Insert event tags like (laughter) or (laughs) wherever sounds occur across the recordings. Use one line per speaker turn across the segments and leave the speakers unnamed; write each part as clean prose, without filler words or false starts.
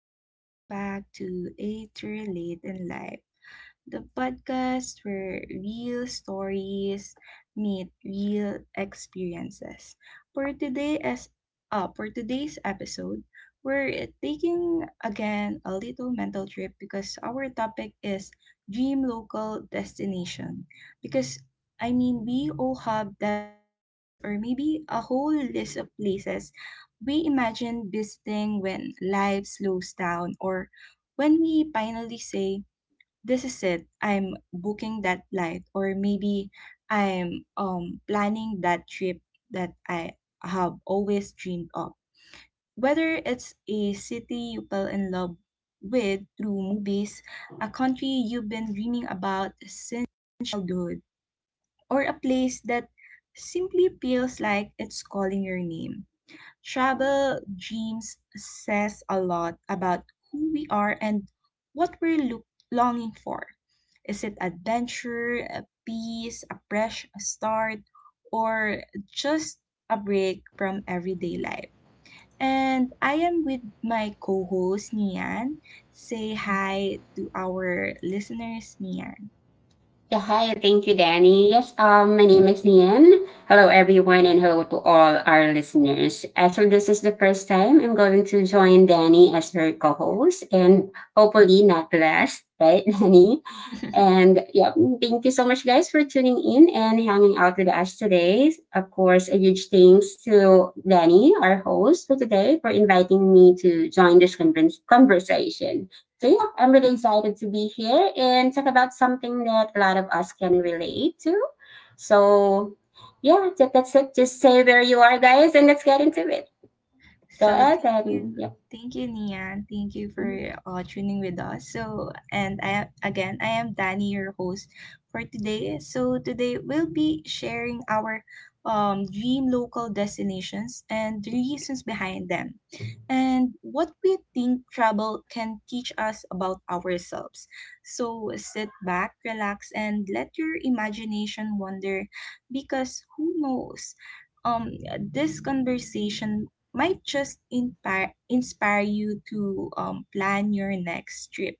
welcome back to A True Late in Life, the podcast where real stories meet real experiences. For today as for today's episode, we're taking again a little mental trip because our topic is dream local destination. Because I mean, we all have that one place or maybe a whole list of places we imagine visiting when life slows down, or when we finally say this is it, I'm booking that flight, or maybe I'm planning that trip that I have always dreamed of, whether it's a city you fell in love with through movies, a country you've been dreaming about since childhood, or a place that simply feels like it's calling your name. Travel dreams says a lot about who we are and what we're look longing for. Is it adventure, a peace, a fresh start, or just a break from everyday life? And I am with my co-host Nian. Say hi to our listeners, Nian.
Yeah, hi. Thank you, Danny. Yes, my name is Nian. Hello, everyone, and hello to all our listeners. Actually, this is the first time I'm going to join Danny as her co-host, and hopefully not last, right, (laughs) Danny?
Yeah. (laughs)
And yeah, thank you so much, guys, for tuning in and hanging out with us today. Of course, a huge thanks to Danny, our host for today, for inviting me to join this conversation. So yeah, I'm really excited to be here and talk about something that a lot of us can relate to. So yeah, that's it. Just say where you are, guys, and let's get into it. Go
So
ahead
thank you,
and yeah.
thank you, Nia. Thank you for
Mhm.
tuning with us. So, and I, again, I am Danny, your host for today. So today we'll be sharing our dream local destinations and the reasons behind them, and what we think travel can teach us about ourselves. So sit back, relax, and let your imagination wander, because who knows, um this conversation might just inspire you to plan your next trip.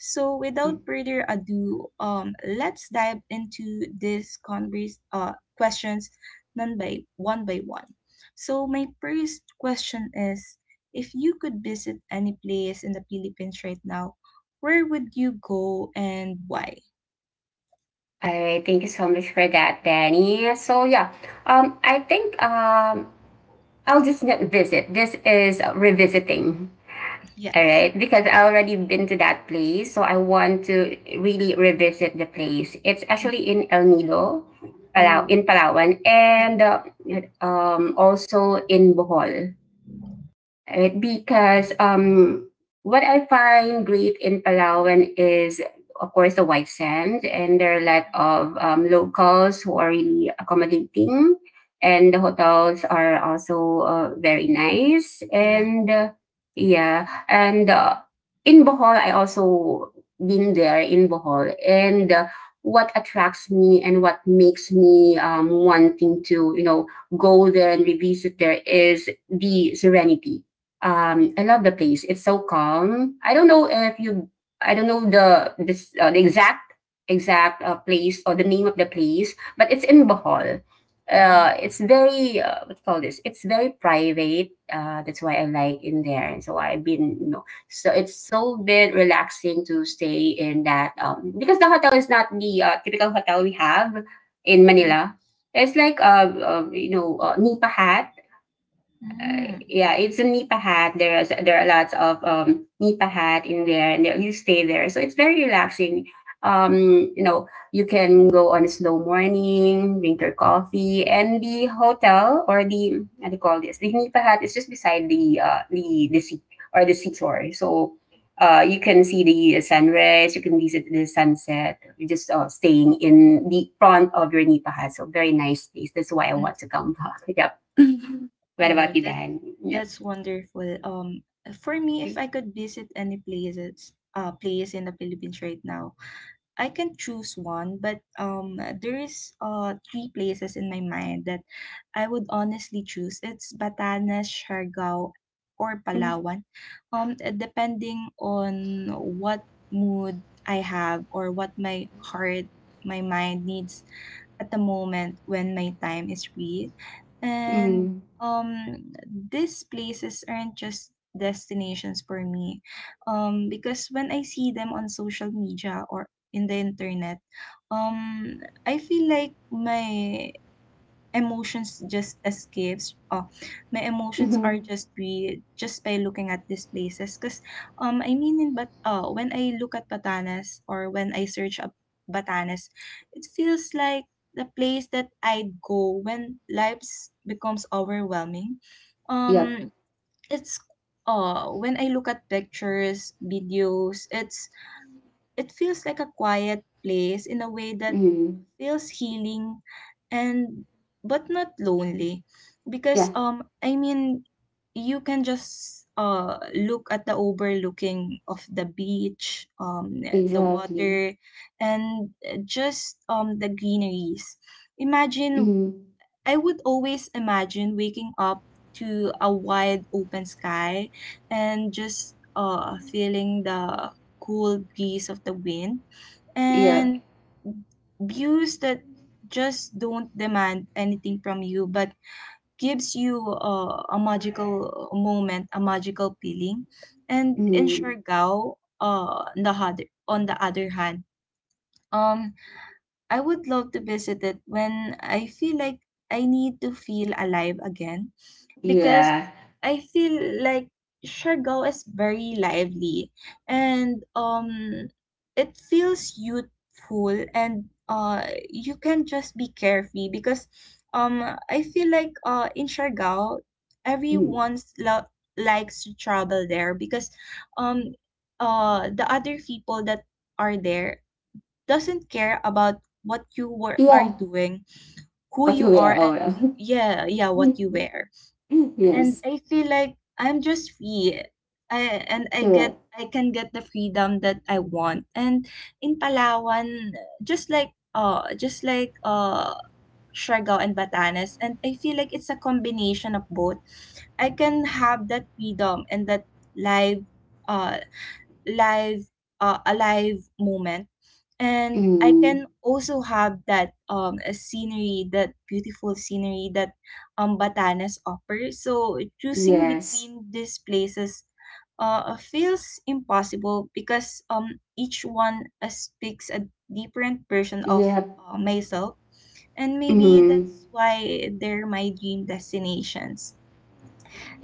So, without further ado, let's dive into these questions none by one by one. So, my first question is, if you could visit any place in the Philippines right now, where would you go and why?
All right, thank you so much for that, Danny. So yeah, I think I'll just get visit. This is revisiting. All
Yes.
right, because I
It's
already
okay.
been to that place, so I want to really revisit the place. It's
Mm-hmm.
actually in El Nido, Palau
Oh,
in Palawan, and
yes.
also in Bohol. Because
Yeah.
what I find great in Palawan is, of course, the white sand, and there are a lot
Mm-hmm.
of locals who are really accommodating, and the hotels are also very nice.
Yeah.
And yeah, and In Bohol, I also been there in Bohol, and what attracts me and what makes me wanting to, go there and revisit there is the serenity.
Yeah.
I love the place. It's so calm. I don't know if you. I don't know the exact place or the name of the place, but it's in Bohol.
Mm-hmm.
It's very what do you call this? It's very private. That's why I like in there, and so I've been. So it's so bit relaxing to stay in that because the hotel is not the typical hotel we have in Manila.
Yes.
It's like Nipahat.
Mm.
Yeah, it's a Nipa hat. There are lots of Nipa hat in there, and you stay there, so it's very relaxing. Um, you know, you can go on a slow morning, drink your coffee, and the hotel or the what do you call this? The Nipa hat is just beside the sea or the seashore, so. You can see the sunrise. You can visit the sunset. You're just staying in the front of your Nipa hat, so very nice place. That's why I
Mm.
want to come. (laughs) Yep. (laughs) What
Oh,
about you,
that
Dan? Yep.
that's wonderful. For me, if I could visit any place in the Philippines right now, I can choose one. But there is three places in my mind that I would honestly choose. It's Batanes, Siargao, or Palawan. Depending on what mood I have, or what my mind needs at the moment when my time is free. And
Mm-hmm.
um, these places aren't just destinations for me. Because when I see them on social media or in the internet, um, I feel like emotions just escapes oh my emotions are
Mm-hmm.
just, we just by looking at these places, because I mean in but oh when I look at Batanes, or when I search up Batanes, it feels like the place that I'd go when life becomes overwhelming.
Yep.
um it's, when I look at pictures, videos, it feels like a quiet place in a way that
Mm-hmm.
feels healing, and but not lonely. Because
Yeah,
you can just look at the overlooking of the beach, the
exactly.
water, and just the greeneries. Imagine
Mm-hmm.
I would always imagine waking up to a wide open sky, and just feeling the cool breeze of the wind,
Yep.
and views that just don't demand anything from you, but gives you a magical moment, a magical feeling. And in
Mm-hmm.
Siargao, on the other hand, um, I would love to visit it when I feel like I need to feel alive again, because
Yeah.
I feel like Siargao is very lively, and it feels youthful, and you can just be carefree. Because um I feel like in Siargao,
Mm-hmm.
everyone's lo- likes to travel there, because um the other people that are there doesn't care about are
Yeah,
doing, who
but you
you
were
are,
all
and, yeah, yeah, what you wear. And
(laughs) yes,
I feel like I'm just free.
correct.
I can get the freedom that I want. And in Palawan, just like Siargao and Batanes, and I feel like it's a combination of both. I can have that freedom and that live uh live alive moment, and I can
Mm-hmm.
also have that a scenery, that beautiful scenery that Batanes offers. So choosing
Yes.
between these places feels impossible, because each one speaks a different version of
Yep.
myself, and maybe
Mm-hmm.
that's why they're my dream destinations.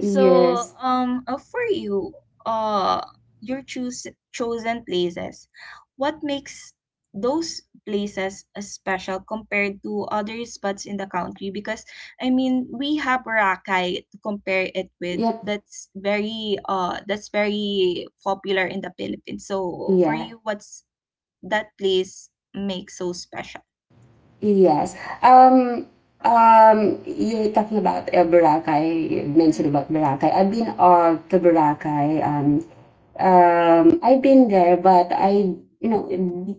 So, for you, uh, your choose chosen places, what makes those places special compared to other spots in the country? Because I mean, we have Boracay to compare it with.
Yep.
That's very popular in the Philippines. So, for
Yeah.
you, what's that place makes so special?
Yes. Um, um, you're talking about Boracay. You
Mm-hmm.
mentioned about Boracay. I've been to Boracay. I've been there, but I, you know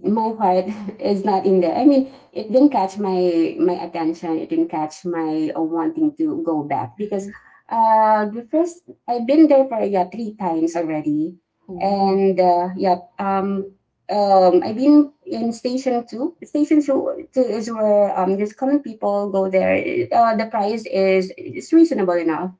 my heart (laughs) is not in there. I mean, it didn't catch my attention. It didn't catch my wanting to go back because
Mm-hmm.
the first, I've been there for, yeah, three times already,
Ooh.
and I've been in station two is where just common people go there. The price is it's reasonable enough,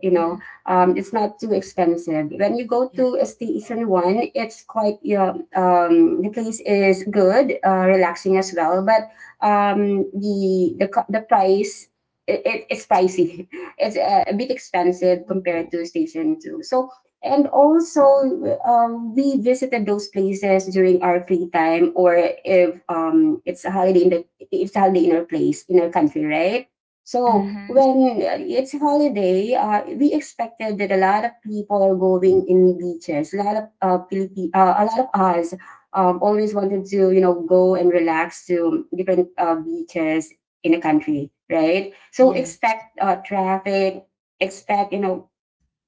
you know
Mm-hmm.
it's not too expensive. When you go
Yeah.
to a station one, it's quite, the place is good, relaxing as well, but the price , it's pricey. (laughs) It's a bit expensive compared
Oh.
to station two, so. And also, we visited those places during our free time or if it's a holiday in our place, in our country, right? So
Mm-hmm.
when it's holiday, we expected that a lot of people are going in beaches. A lot of us always wanted to, you know, go and relax to different beaches in the country, right? So
Yes.
expect traffic, expect, you know,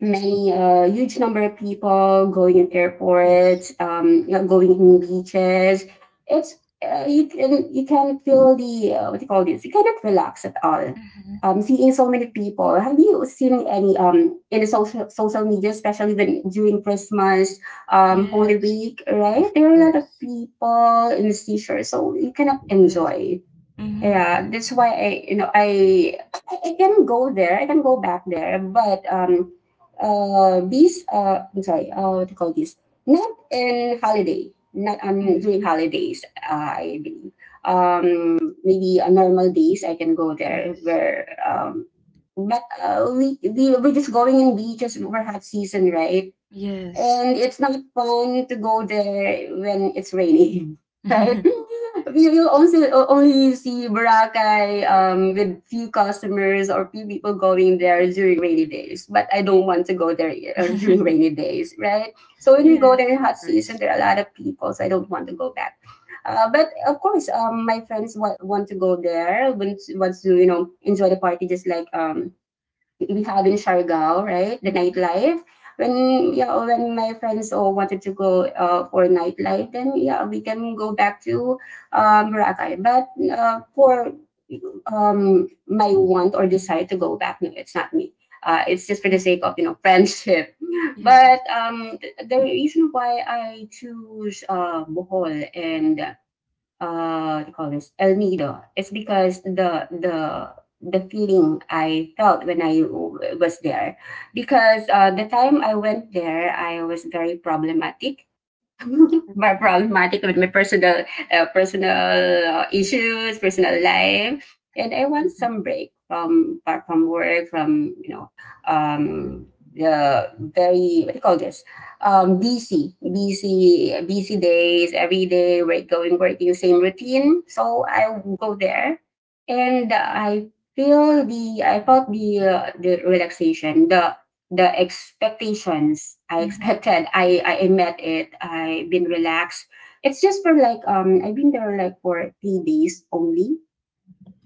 many huge number of people going in
Yes.
airports, going in beaches. It's you can feel the what do you call this? You cannot relax at all.
Mm-hmm.
Seeing so many people. Have you seen any in the social media, especially when during Christmas, Holy
Yes,
Week, right?
of
There are a lot of
course.
people in the seashore, so you cannot
Yes.
enjoy.
Mm-hmm.
Yeah, that's why I, you know, I can go there. I can go back there, but these I'm sorry, what do you call this? Not in holiday, not
Mm-hmm.
during holidays. I believe um maybe on normal days I can go there
Yes.
where, but we're just going in beaches over hot season, right?
Yes.
And it's not fun to go there when it's raining, (laughs)
(laughs)
right?
Yes.
You also only see Boracay, with few customers or few people going there during rainy days. But I don't want to go there during
(laughs)
rainy days, right? So when we go
Yes,
there in
of
hot season,
course.
there are a lot of people, so I don't want to go back. But of course, my friends want to go there, want to, enjoy the party just like we have in Siargao, right? The
Mm-hmm.
nightlife. When Yeah, when my friends all wanted to go for nightlife, then, yeah, we can go back to Boracay. But for my want or desire to go back, no, it's not me. It's just for the sake of,
(laughs)
(laughs) friendship.
Yes.
But the reason why I choose Bohol and what do you call this, El Nido, it's because the feeling I felt when was there, because the time I went there, I was very problematic. (laughs)
Oh,
My problematic with my personal uh, personal
yeah.
uh, issues, personal life, and I want
Mm-hmm.
some break from, apart from work, from,
Mm-hmm.
um, the very what do you call this, busy, busy, busy days every day. We're going working same routine, so I go there, and I felt the relaxation, the expectations I
Mm-hmm.
expected. (laughs) I met it. I've been relaxed. It's just for like, I've been there like for 3 days only.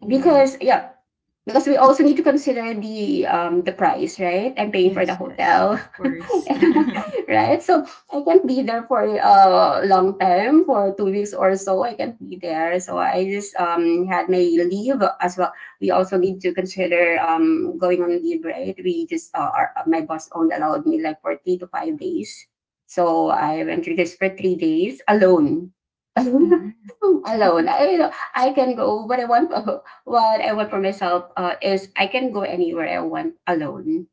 Oh,
Because, yeah, because we also need to consider the price, right? I'm paying for the
yes, yes,
hotel,
of course. (laughs)
(laughs) right? So I can't be there for a long time for 2 weeks or so. I can't be there, so I just had my leave as well. We also need to consider, going on leave, right? My boss only allowed me like for 3 to 5 days, so
Oh.
I went to this for 3 days alone.
Mm-hmm.
(laughs) Alone. I can go, but I want. (laughs) What I want for myself is I can go anywhere I want alone.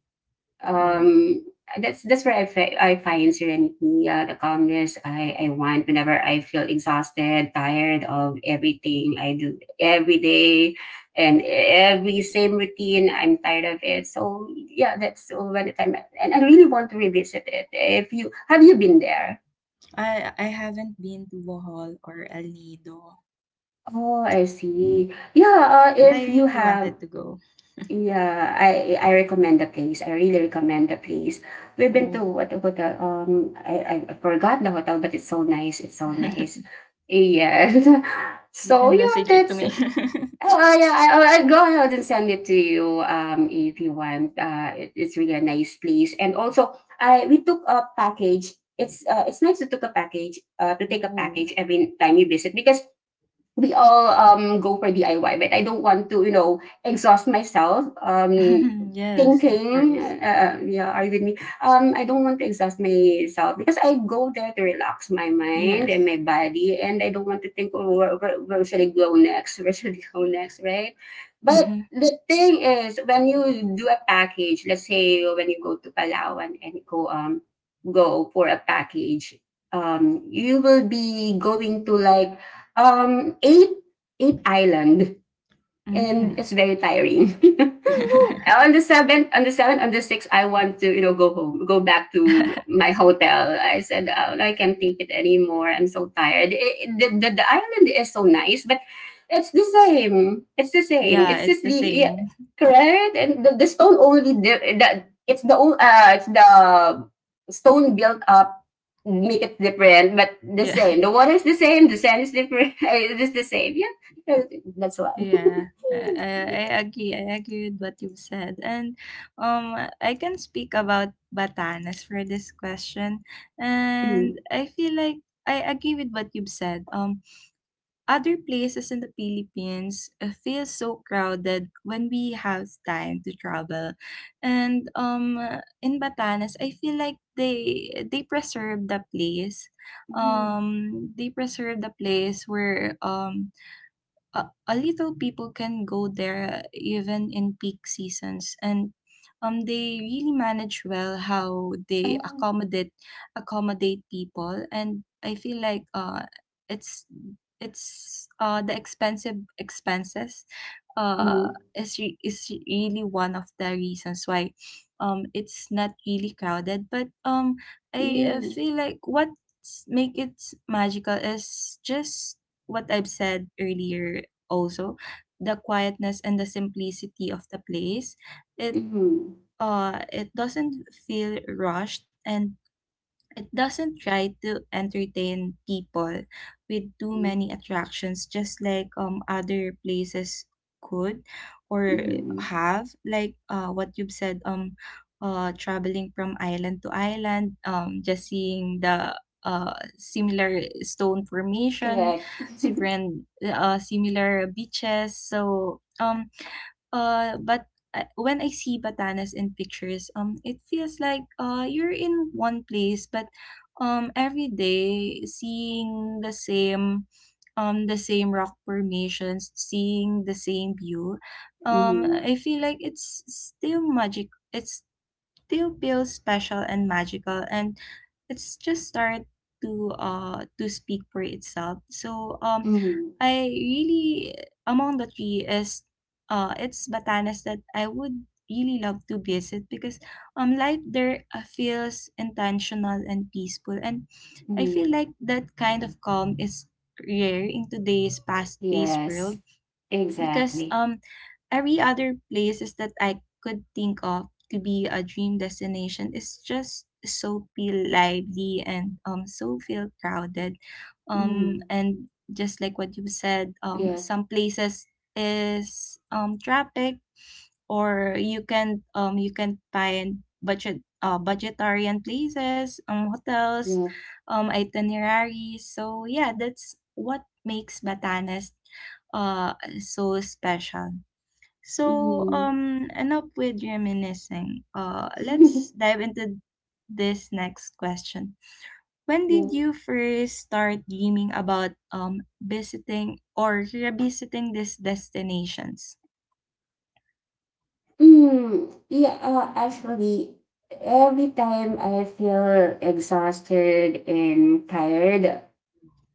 (laughs) Oh.
Um, that's where I find serenity, the calmness I want whenever I feel exhausted, tired of everything I do every day, and every same routine. I'm tired of it. So yeah, that's when the time, and I really want to revisit it. If you, have you been there?
I haven't been to Bohol or El Nido,
Oh, I see. Yeah,
but
if
I
you
really
have.
wanted to go.
Yeah, I recommend the place. I really recommend the place. We've been to
Oh.
what the hotel? I forgot the hotel, but it's so nice. It's so nice.
(laughs)
Yeah. (laughs)
You
So
can
yeah,
message it to
that's
me.
it. Oh yeah, I'll go ahead and send it to you. If you want. It's really a nice place. And also, I we took a package. It's nice to took a package. To
(laughs)
take a
Ooh.
package every time you visit because we all, go for DIY, but I don't want to, you know, exhaust myself,
(laughs) Yes, of
thinking.
course.
Yeah, are you with me? I don't want to exhaust myself because I go there to relax my mind and my
Yes.
body, and I don't want to think, oh, where, where should I go next? Where should I go (laughs) next? Right? But
Mm-hmm.
the thing is, when you do a package, let's say when you go to Palawan and you go for a package, you will be going to like, um, eight eight island, and
Mm.
it's very tiring. (laughs)
(laughs)
On the seventh, on the sixth, I want to, go home, go back to my hotel. I said, oh, I can't take it anymore. I'm so tired. The island is so nice, but it's the same. It's the same.
Yeah,
It's
it's
just
the
the, yeah,
same. (laughs)
correct. And the stone only the it's the o- it's the stone built up make it different, but the same. The
Yes.
water is the same, the sand is different. (laughs) It is the same, yeah, that's why. (laughs)
Yeah.
Mm,
I agree. I agree with what you've said. And I can speak about Batanes for this question.
mm,
And I feel like I agree with what you've said. Other places in the Philippines feel so crowded when we have time to travel. And in Batanes, I feel like they preserve the place.
mm,
They preserve the place where a little people can go there, even in peak seasons, and they really manage well how they
ah,
accommodate people. And I feel like it's it's the expensive expenses uh
mm,
is really one of the reasons why it's not really crowded. But I
mm,
feel like what make it magical is just what I've said earlier. Also, the quietness and the simplicity of the place. it
mhm,
it doesn't feel rushed, and it doesn't try to entertain people with too
mm,
many attractions, just like other places could or
mhm.
have. Like what you've said, traveling from island to island, just seeing the similar stone formation,
Correct. (laughs)
different similar beaches. So but when I see Batanes in pictures, it feels like you're in one place, but every day seeing the same rock formations, seeing the same view,
Mm,
I feel like it's still magic. It's still feels special and magical, and it's just start to speak for itself. So
mm,
I really, among the three, is it's Batanes that I would really love to visit, because life there feels intentional and peaceful, and I feel
mm.
like that kind of calm is rare in today's fast-paced
Yes,
world. Because
exactly.
every other places that I could think of to be a dream destination is just so feel lively, and so feel crowded.
Mm,
And just like what you said,
yeah,
some places is traffic, or you can find budgetarian places, hotels,
yeah.
itineraries. So yeah, that's what makes Batanes uh so special. So,
Mm.
enough with reminiscing. Let's
(laughs)
dive into this next question. When
Yeah.
did you first start dreaming about visiting or revisiting these destinations?
Mm, yeah, actually, every time I feel exhausted and tired,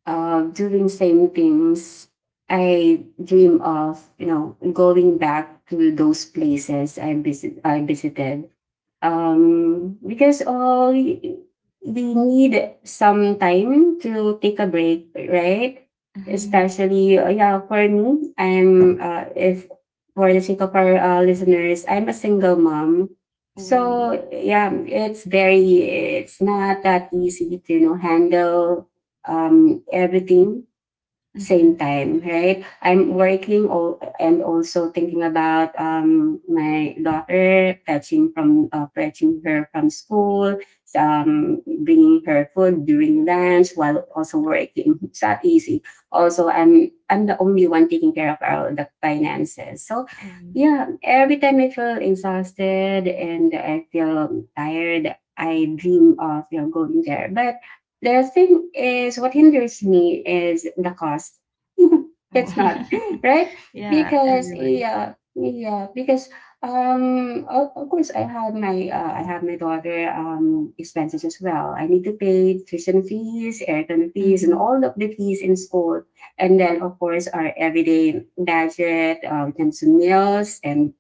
doing same things, I dream of going back to those places I visited. Because we need some time to take a break, right?
Mm-hmm.
Especially yeah, for me, I'm if for the sake of our listeners, I'm a single mom.
Oh,
So yeah, it's not that easy to handle everything
mm-hmm.
same time,
Yes.
right? I'm working all, and also thinking about my daughter, fetching her from school, um, bringing her food during lunch while also working. It's not easy. Also, I'm the only one taking care of all the finances. So,
Oh,
yeah, every time I feel exhausted and I feel tired, I dream of going there, but the thing is, what hinders me is the cost. (laughs) It's
oh.
not
(laughs)
right.
Yeah,
Because
everyone.
yeah, yeah, because of course I have my daughter expenses as well. I need to pay tuition fees, aircon fees, and
Mm-hmm.
all of the fees in school, and then of course our everyday budget, in terms of meals and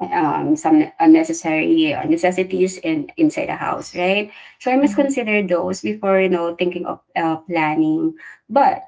some unnecessary necessities in inside the house,
Yes.
right? So I must
Mm-hmm.
consider those before thinking of planning. But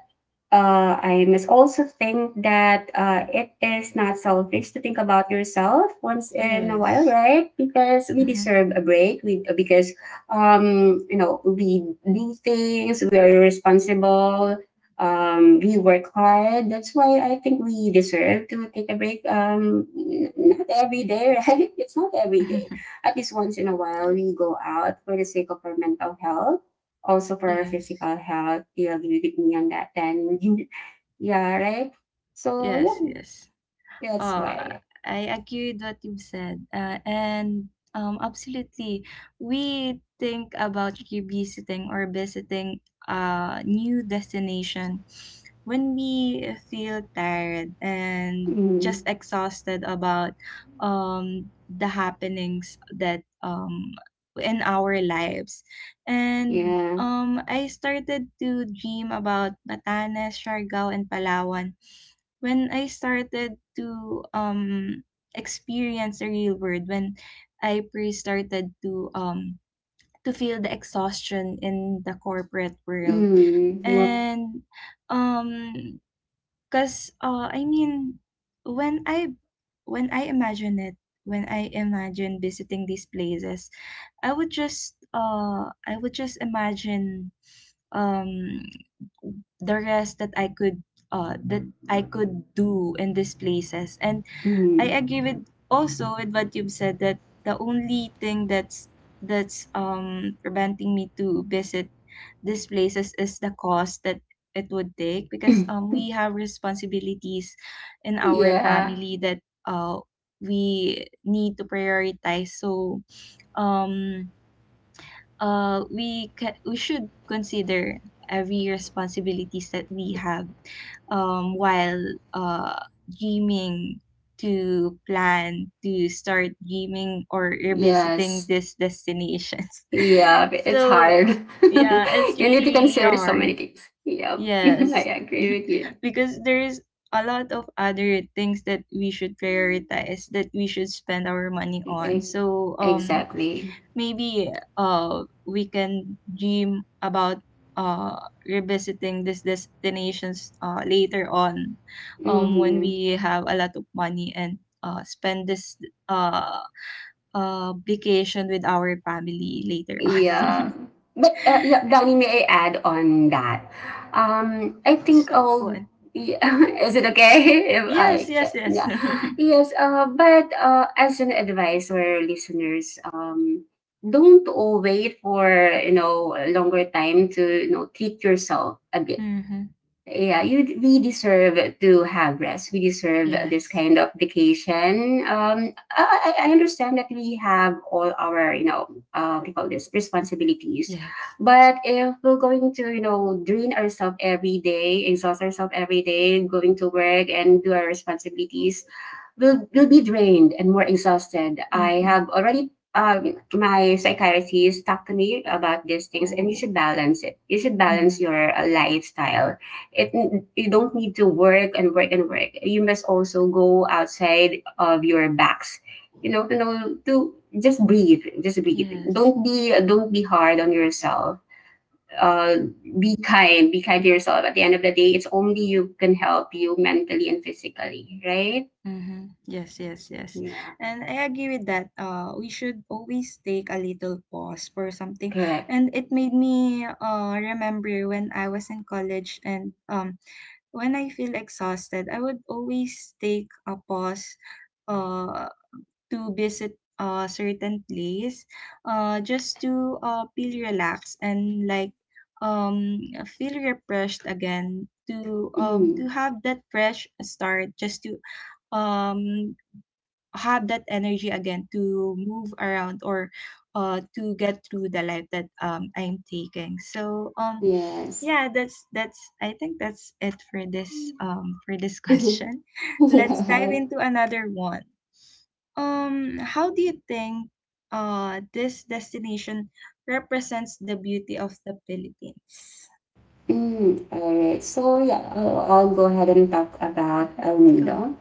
I must also think that it is not selfish to think about yourself once in a while,
Yes.
right? Because we deserve a break. We because we do things. We are responsible. We work hard. That's why I think we deserve to take a break. Not every day, (laughs) right? It's not every day.
Mm-hmm. (laughs)
At least once in a while, we go out for the sake of our mental health, also for our
Yes.
physical health. You agree with me on that, then? (laughs) Yeah, right? So,
Yes. Yes.
yeah, that's
Uh,
why.
I agree with what you said. And Absolutely, we think about revisiting or visiting a new destination when we feel tired and
Mm,
just exhausted about the happenings that in our lives. And
yeah.
I started to dream about Batanes, Siargao, and Palawan when I started to experience the real world, when I pre started to feel the exhaustion in the corporate world.
Mm, yep.
And um cuz I mean, when I, when I imagine it, when I imagine visiting these places, I would just imagine um the rest that I could do in these places. And I
Mm.
agree with also with what you've said, that the only thing that's preventing me to visit these places is the cost that it would take, because we
(laughs)
have responsibilities in our
Yeah.
family that uh we need to prioritize. So um we should consider every responsibilities that we have, while uh, dreaming to plan to start dreaming or revisiting
Yes.
these destinations.
Yeah,
(laughs)
but it's
So
hard. (laughs)
yeah, it's
You need to
really really
consider so many
hard.
things. Yep. (laughs) I
Yes. (laughs)
agree with you.
Because there is a lot of other things that we should prioritize, that we should spend our money on.
E-
So
Exactly.
maybe we can dream about uh revisiting these destinations later on, when
Mm-hmm.
we have a lot of money, and spend this uh vacation with our family later on.
Yeah. But yeah, Danny, may I add on that? I
(laughs)
think
So
I'll.
good.
Yeah, (laughs) is it okay (laughs) if
Yes,
I can?
yes, yes.
Yeah.
(laughs)
Yes. But as an advice for our listeners, don't wait for a longer time to treat yourself a bit.
Mm-hmm.
Yeah, you we deserve to have rest. We deserve this
Yes,
kind of vacation. I understand that we have all our, what do you call this responsibilities,
yes.
but if we're going to, drain ourselves every day, exhaust ourselves every day, going to work and do our responsibilities, we will be drained and more exhausted. I
Mm-hmm.
have already my psychiatrist talked to me about these things, and you
Oh,
should balance it. You should
mm-hmm.
balance your lifestyle. It you don't need to work and work and work. You must also go outside of your box, to know to just breathe, just breathe.
Yes.
Don't be hard on yourself. uh be kind, be kind to yourself. At the end of the day, it's only you can help you mentally and physically, right?
Mm-hmm. Yes, yes, yes.
Yeah.
And I agree with that. We should always take a little pause for something.
Correct.
And it made me remember when I was in college, and when I feel exhausted, I would always take a pause. Uh, to visit a certain place, just to feel relaxed and um, feel refreshed again
(clears throat)
to
Mm,
have that fresh start, just to um, have that energy again to move around or to get through the life that I'm taking.
yes.
Yeah, that's I think that's it for this, for this (laughs)
Mm.
question.
(laughs) Go
Let's dive
ahead.
into another one. How do you think this destination represents the beauty of the Philippines?
Mm, all right, so yeah, I'll go ahead and talk about
Hmm.
Almeida.
Go.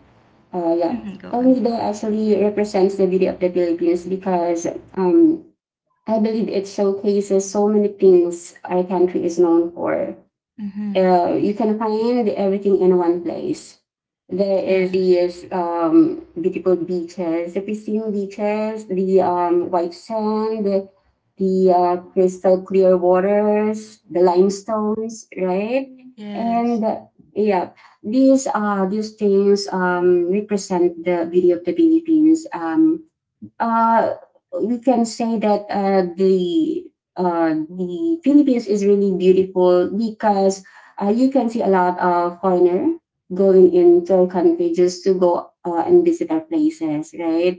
Yeah,
Hmm, go on.
Olmedo actually represents the beauty of the Philippines because um, I believe it showcases so many things our country is known for.
Hmm.
You can find everything in one place. There is
Yes.
these beautiful beaches, the pristine beaches, the white sand, the crystal clear waters, the limestones, right? And
Yes.
yeah, these things represent the beauty of the Philippines. Uh, we can say that the Philippines is really beautiful because you can see a lot of foreigner going into our country just to go and visit our places, right?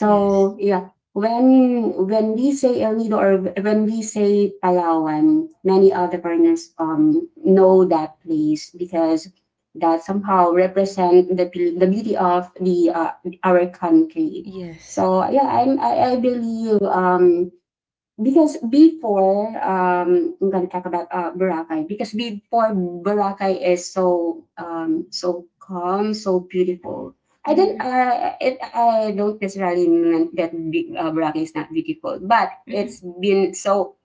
Yes.
yeah, when we say El Nido or when we say Palawan, many other foreigners know that place because that somehow represent the beauty of the our country.
Yes.
So yeah, I believe because before I'm gonna talk about Boracay, because before Boracay is so so calm, so beautiful.
Mm-hmm.
I don't necessarily mean that Boracay is not beautiful, but
Mm-hmm.
it's been so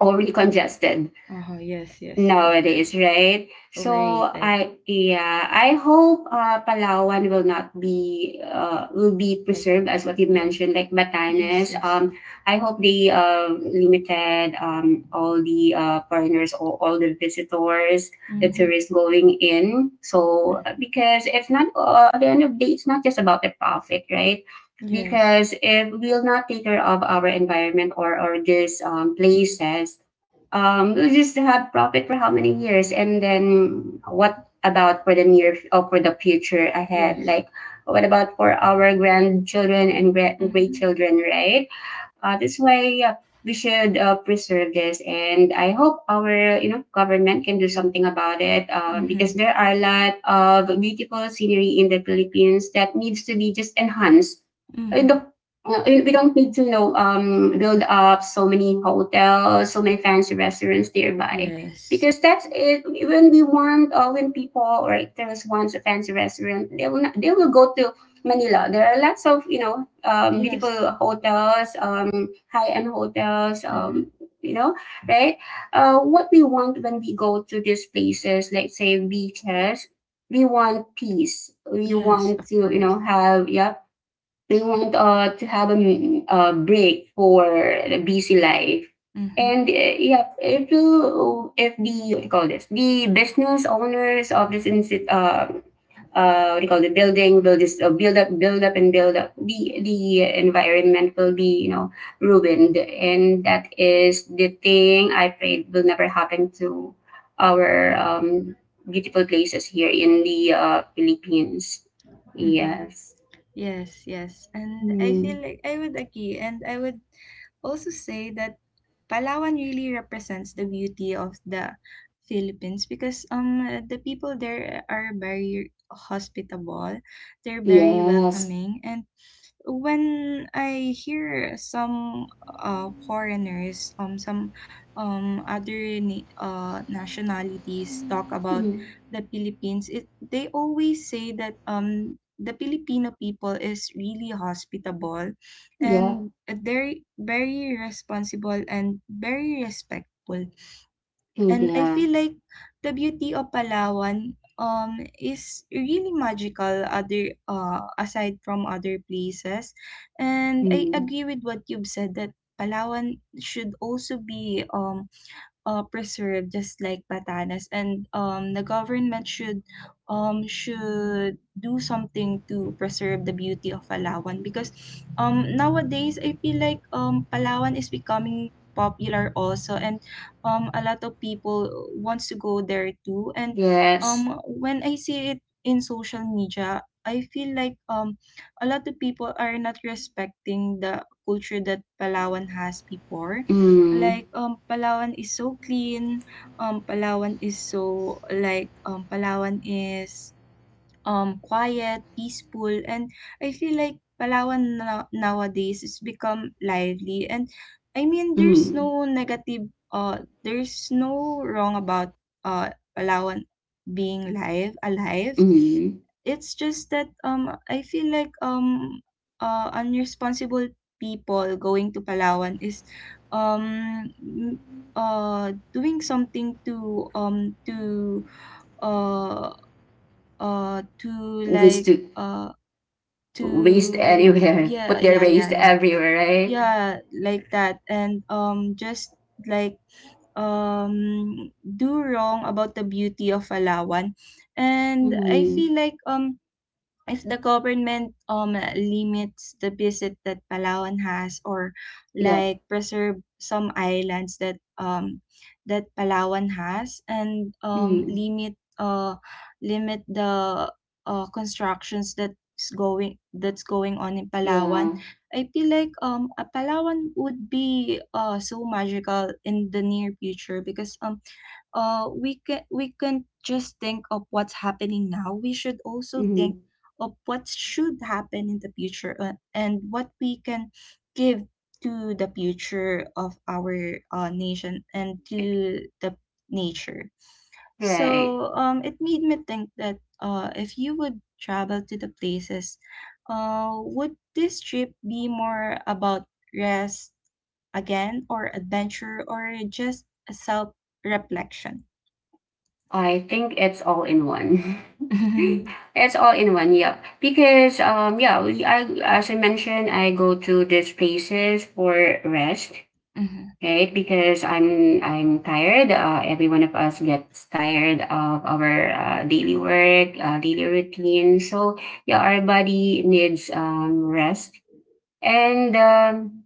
overly congested
Uh-huh. Yes. Yes. Over.
nowadays, right? So
Overrated.
I, yeah, I hope Palawan will not be, will be
Like
preserved
that.
as what you
Yeah.
mentioned, like
Yes.
Batanes.
Yes.
I hope they limited all the foreigners or all the visitors, the
Mm-hmm.
tourists going in. So
Mm-hmm.
because it's not, at the end of the day, it's not just about the profit, right?
Yes.
Because if we'll not take care of our environment or these places, we just had profit for how many years, and then what about for the near or for the future ahead?
Yes.
Like, what about for our grandchildren and great
Mm-hmm.
children, right? This way, we should preserve this, and I hope our government can do something about it because
Mm-hmm.
there are a lot of beautiful scenery in the Philippines that needs to be just enhanced. Uh,
Mm-hmm.
the- we don't need to build up so many hotels, so many fancy restaurants nearby,
Yes.
because that's it. When we want, when people or tourists wants a fancy restaurant, they will not, they will go to Manila. There are lots of
Yes.
beautiful hotels, high-end hotels.
Mm-hmm.
You know, right? What we want when we go to these places, like say beaches, we want peace. We
Yes.
want
Of
to
course.
have, yeah, we want to have a, a break for the busy life.
Mm-hmm.
And yeah, if the, what do you call this, the business owners of this institute, what do you call the building will just build up, and build up. The environment will be ruined, and that is the thing I prayed will never happen to our beautiful places here in the Philippines.
Mm-hmm.
Yes.
Yes, yes. And I feel
Hmm.
like I would agree. And I would also say that Palawan really represents the beauty of the Philippines because the people there are very hospitable, they're very
Yes.
welcoming, and when I hear some foreigners, some nationalities talk about
Mm.
the Philippines, it they always say that the Filipino people is really hospitable,
Yeah.
and they're very responsible and very respectful.
Mm,
And I
yeah.
feel like the beauty of Palawan is really magical other aside from other places. And I
Mm.
agree with what you've said that Palawan should also be preserved just like Batanes, and the government should, should do something to preserve the beauty of Palawan, because nowadays I feel like Palawan is becoming popular also, and a lot of people wants to go there too. And
Yes.
when I see it in social media, I feel like a lot of people are not respecting the culture that Palawan has before.
Mm.
Like, Palawan is so clean, Palawan is so, Palawan is quiet, peaceful, and I feel like Palawan nowadays has become lively. And I mean, there's
Mm.
no negative, there's no wrong about Palawan being live, alive.
Mm.
It's just that I feel like, unresponsible people going to Palawan is, um, m- doing something to, uh, uh to
Waste
like
to
uh
waste anywhere. (laughs)
yeah,
Put their
yeah yeah
waste
yeah
everywhere, right?
yeah Like that. And just like, do wrong about the beauty of Palawan. And I
Mm.
feel like if the government limits the visit that Palawan has, or
Yeah.
like preserve some islands that that Palawan has, and
Mm.
limit the constructions that's going on in Palawan,
Yeah.
I feel like a Palawan would be so magical in the near future. Because we can just think of what's happening now. We should also think
Mm.
of what should happen in the future, and what we can give to the future of our nation, and to the nature.
Right.
So it made me think that, if you would travel to the places, would this trip be more about rest again, or adventure, or just self reflection?
I think it's all in one. (laughs)
Mhm.
It's all in one. Yep. Because yeah, I, as I mentioned, I go to these places for rest,
Mhm.
right? Because I'm tired. Every one of us gets tired of our daily work, daily routine. So yeah, our body needs rest. And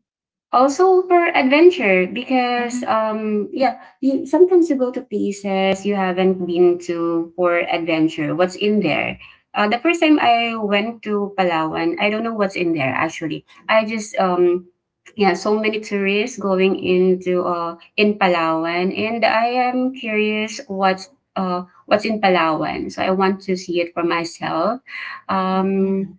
also for adventure, because
Mm.
yeah, you sometimes you go to places you haven't been to for adventure, what's in there. The first time I went to Palawan, I don't know what's in there actually, I just yeah, so many tourists going into in Palawan, and I am curious what's in Palawan, so I want to see it for myself.
Mhm.
um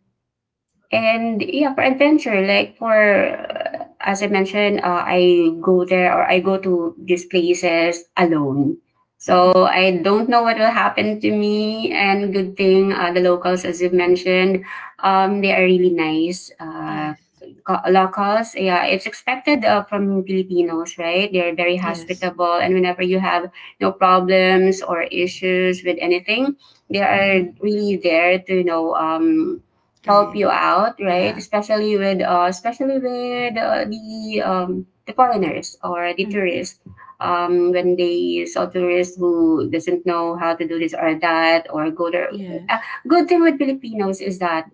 and yeah, for adventure, like, for as I mentioned, I go there or I go to these places alone.
Mhm.
So I don't know what will happen to me. And good thing the locals, as you mentioned, they are really nice.
Yes.
Locals, yeah, it's expected from Filipinos, right? They're very
Yes.
hospitable, and whenever you have no problems or issues with anything, they are
Mhm.
really there to help
Okay.
you out, right?
Yeah.
Especially with the foreigners or the
Mhm.
tourists. When they saw tourists who doesn't know how to do this or that or go there. Uh,
Yes.
good thing with Filipinos is that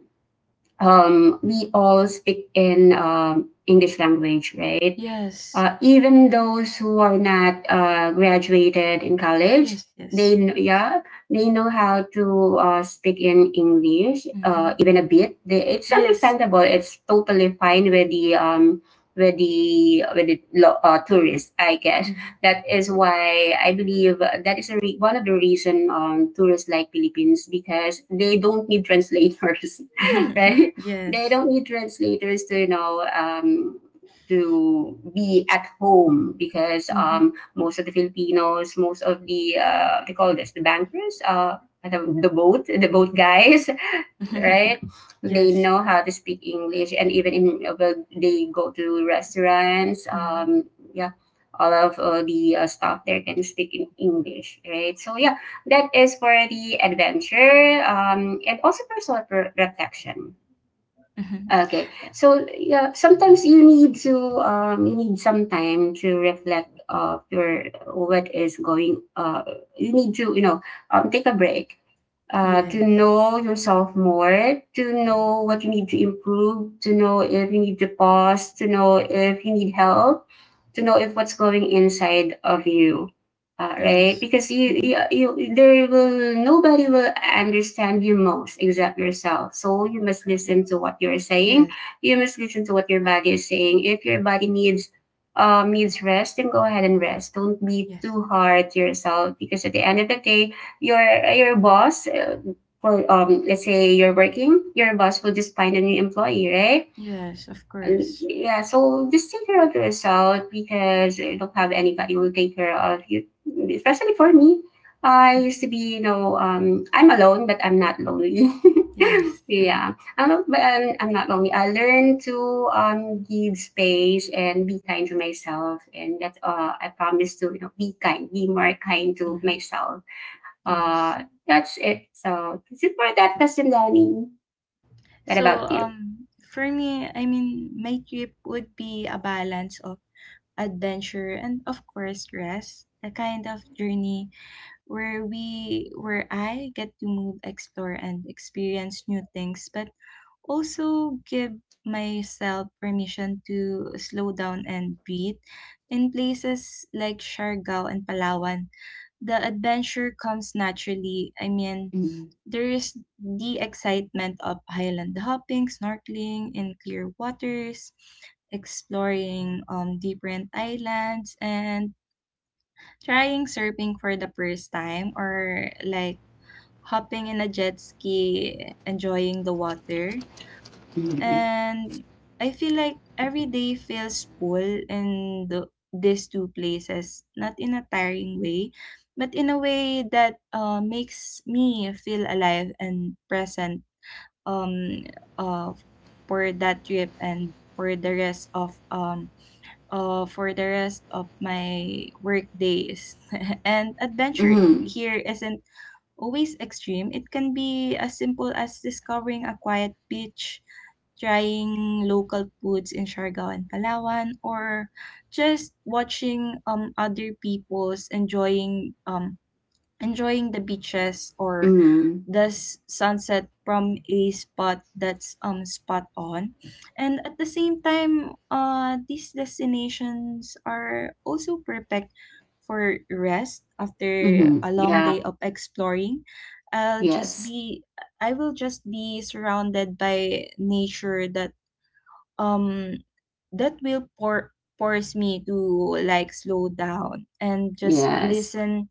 we all speak in English language, right?
Yes.
Even those who are not graduated in college,
Yes. Yes.
yeah, they know how to speak in English,
Mhm.
even a bit. It's
Yes.
understandable. It's totally fine with the tourists. I guess
Mhm.
that is why I believe that is a one of the reason tourists like Philippines because they don't need translators, (laughs) right?
(laughs)
They
yes.
don't need translators to to be at home because
Mhm.
most of the Filipinos, most of the we call this the bankers, the boat, the boat guys, (laughs)
(laughs)
right? They
yes.
know how to speak English, and even in well, they go to restaurants.
Mhm.
Yeah, all of the staff there can speak in English, right? So yeah, that is for the adventure and also personal protection.
Mhm.
Okay. So, yeah, sometimes you need to you need some time to reflect of your what is going. You need to, take a break to
Yes.
know yourself more, to know what you need to improve, to know if you need to pause, to know if you need help, to know if what's going inside of you. Right,
Yes.
because you,
Mhm.
you, you, there will nobody will understand you most except yourself. So you must
Mhm.
listen to what you're saying.
Yes.
You must listen to what your body is saying. If your body needs needs rest, then go ahead and rest. Don't be
Yes.
too hard to yourself because at the end of the day, your your boss will let's say you're working, your boss will just find a new employee, right?
Yes. Of
And
course.
yeah, so just take care of yourself because you don't have anybody who will take care of you, especially for me. I used to be I'm alone but I'm not lonely. (laughs)
Yes.
Yeah,
(laughs)
I'm not, but I'm not lonely. I learned to give space and be kind to myself, and that I promise to be kind, be more kind to myself.
Yes.
That's it. So this is for that question, Danny. What
So,
about you?
for me, I mean, my trip would be a balance of adventure and, of course, rest. A kind of journey where I get to move, explore, and experience new things, but also give myself permission to slow down and breathe. In places like Siargao and Palawan, the adventure comes naturally. I mean,
Mm-hmm.
there is the excitement of highland hopping, snorkeling in clear waters, exploring different islands, and trying surfing for the first time, or like hopping in a jet ski, enjoying the water.
Mm-hmm.
And I feel like every day feels full in these two places, not in a tiring way, but in a way that makes me feel alive and present um uh, for that trip, and for the rest of for the rest of my work days. (laughs) And adventure
Mm-hmm.
here isn't always extreme. It can be as simple as discovering a quiet beach, trying local foods in Siargao and Palawan, or just watching other people's enjoying enjoying the beaches, or the sunset from a spot that's spot on. And at the same time, these destinations are also perfect for rest after
Mm-hmm.
a long day
Yeah.
of exploring. I'll just
Yes.
be I will just be surrounded by nature that um will force me to like slow down and just
Yes.
listen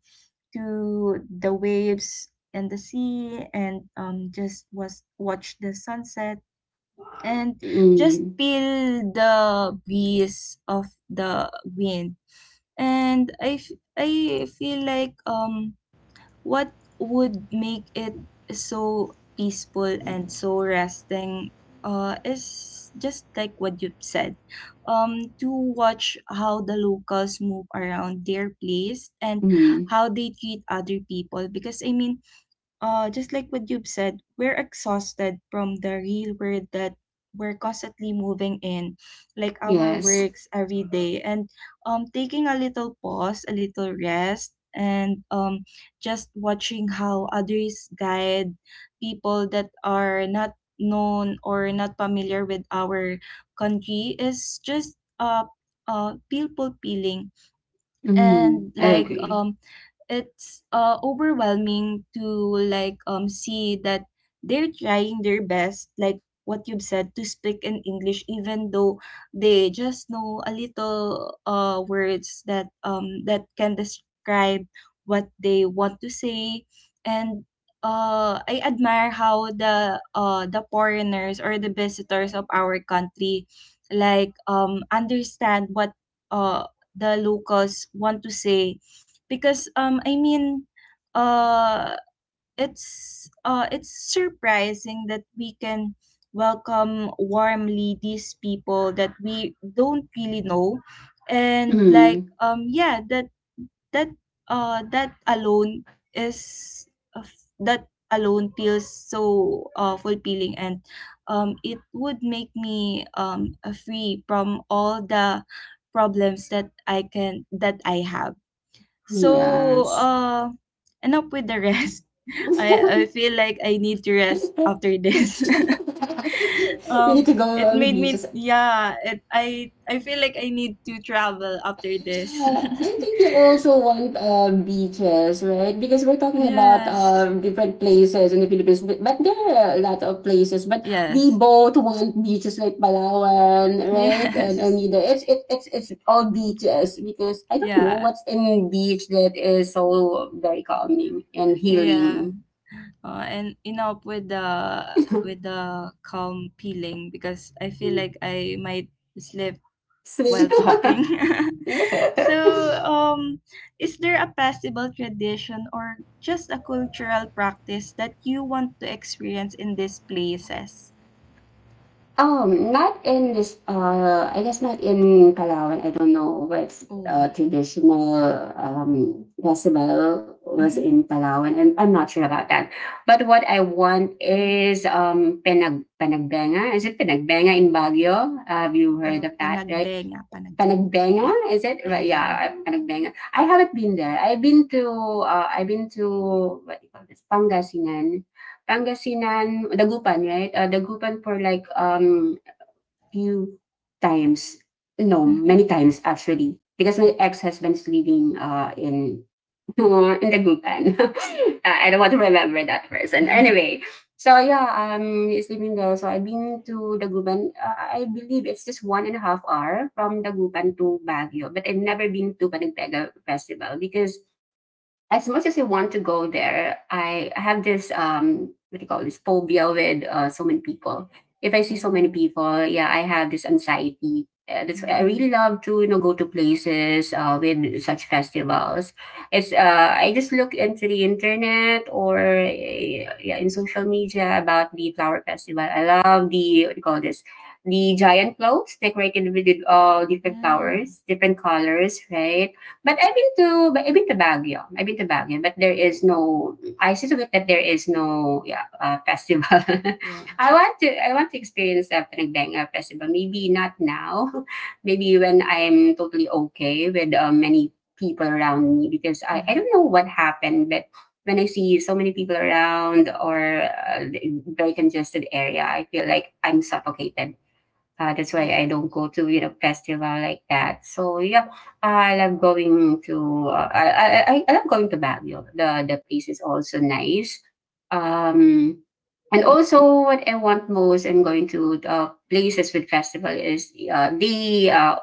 to the waves and the sea, and just was watch the sunset, and just
Mm-hmm.
feel the breeze of the wind. And I feel like what would make it so peaceful and so resting, is just like what you've said, to watch how the locals move around their place, and
Mm-hmm.
how they treat other people. Because I mean, just like what you've said, we're exhausted from the real world that we're constantly moving in, like our
Yes.
works every day. And taking a little pause, a little rest, and just watching how others guide people that are not known or not familiar with our country is just, people peeling.
Mm-hmm.
And
I
like
agree.
it's overwhelming to like see that they're trying their best, like what you've said, to speak in English, even though they just know a little words that that can describe what they want to say. And I admire how the foreigners or the visitors of our country like understand what uh the locals want to say, because I mean, uh it's surprising that we can welcome warmly these people that we don't really know. And
Mm-hmm.
like yeah, that that alone is of that alone feels so fulfilling, and it would make me free from all the problems that I have. So,
Yes.
enough with the rest. (laughs) I
(laughs)
feel like I need to
(laughs)
rest after
You
this. (laughs)
need
um,
to go
it
on
made me,
beaches.
yeah. It I feel like I need to travel after this. (laughs)
Yeah, I think you also want beaches, right? Because we're talking about
Yes,
different places in the Philippines, but there are a lot of places. But we
yes,
both want beaches like Palawan, right? And
yes.
you know, it's it, it's all beaches because I don't know
Yeah,
what's in beach that is so very calming and
yeah.
healing.
And enough with the
(laughs)
calm feeling, because I feel like I might sleep
So-
while talking.
(laughs)
(laughs) So, um, is there a possible tradition or just a cultural practice that you want to experience in these places?
Not in this, I guess not in Palawan. I don't know what's
Oh,
traditional decibel was
mhm.
in Palawan, and I'm not sure about that. But what I want is pinag panagbenga. Is it panagbenga in Baguio? Have you heard of that, right?
Panagbenga.
Panagbenga,
Yeah,
is it?
yeah,
Right,
yeah, yeah.
yeah, panagbenga. I haven't been there. I've been to, what do you call this? Pangasinan. Pangasinan, Dagupan, right? Dagupan for like few times, no,
Mm-hmm.
many times actually, because my ex-husband's living in (laughs) in Dagupan, (laughs) I don't want to remember that person.
(laughs)
Anyway, so yeah, he's living there. So I've been to Dagupan. I believe it's just 1.5 hour from Dagupan to Baguio, but I've never been to Panagpega Festival because as much as I want to go there, I have this what do you call this phobia with so many people. If I see so many
Oh,
people, yeah, I have this anxiety. That's why I really
mm,
love to go to places with such festivals. It's I just look into the internet or yeah, in social media about the flower festival. I love the what do you call this, the giant clothes decorated with all different
mm.
flowers, different colors, right? But I've been to but I've been to Baguio. I've been to Baguio, but there is
Ooh,
no. I still get that there is no yeah festival. (laughs)
yeah,
I want to experience a Panagbenga festival. Maybe not now. (laughs) Maybe when I'm totally okay with many people around me because I
mm-hmm.
don't know what happened, but when I see so many people around or very congested area, I feel like I'm suffocated. That's why
Yeah,
I don't go to, you know, festival like that. So yeah, I love going to I love going to Baguio. The place is also nice. Um and also what I want most in going to places with festival is they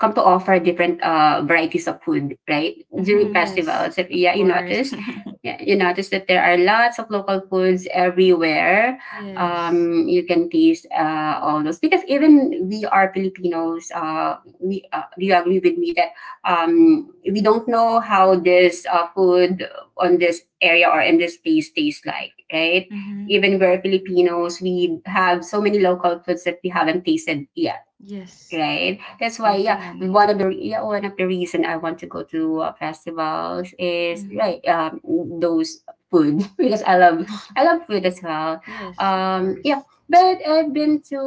come to offer different varieties of food, right? During
mm-hmm. Yes,
festivals, if
of
yeah, you
course. (laughs)
notice, yeah, you notice that there are lots of local foods everywhere,
Yes,
you can taste all those because even we are Filipinos. We do you agree with me that we don't know how this food on this area or in this place tastes like, right?
mm-hmm.
Even we're Filipinos, we have so many local foods that we haven't tasted yet,
Yes.
right? That's why
There's so
yeah
many.
one of the reason I want to go to festivals is
Mm-hmm.
right those food. (laughs) Because I love
(laughs)
food as well.
Yes, of
Yeah,
course.
but I've been to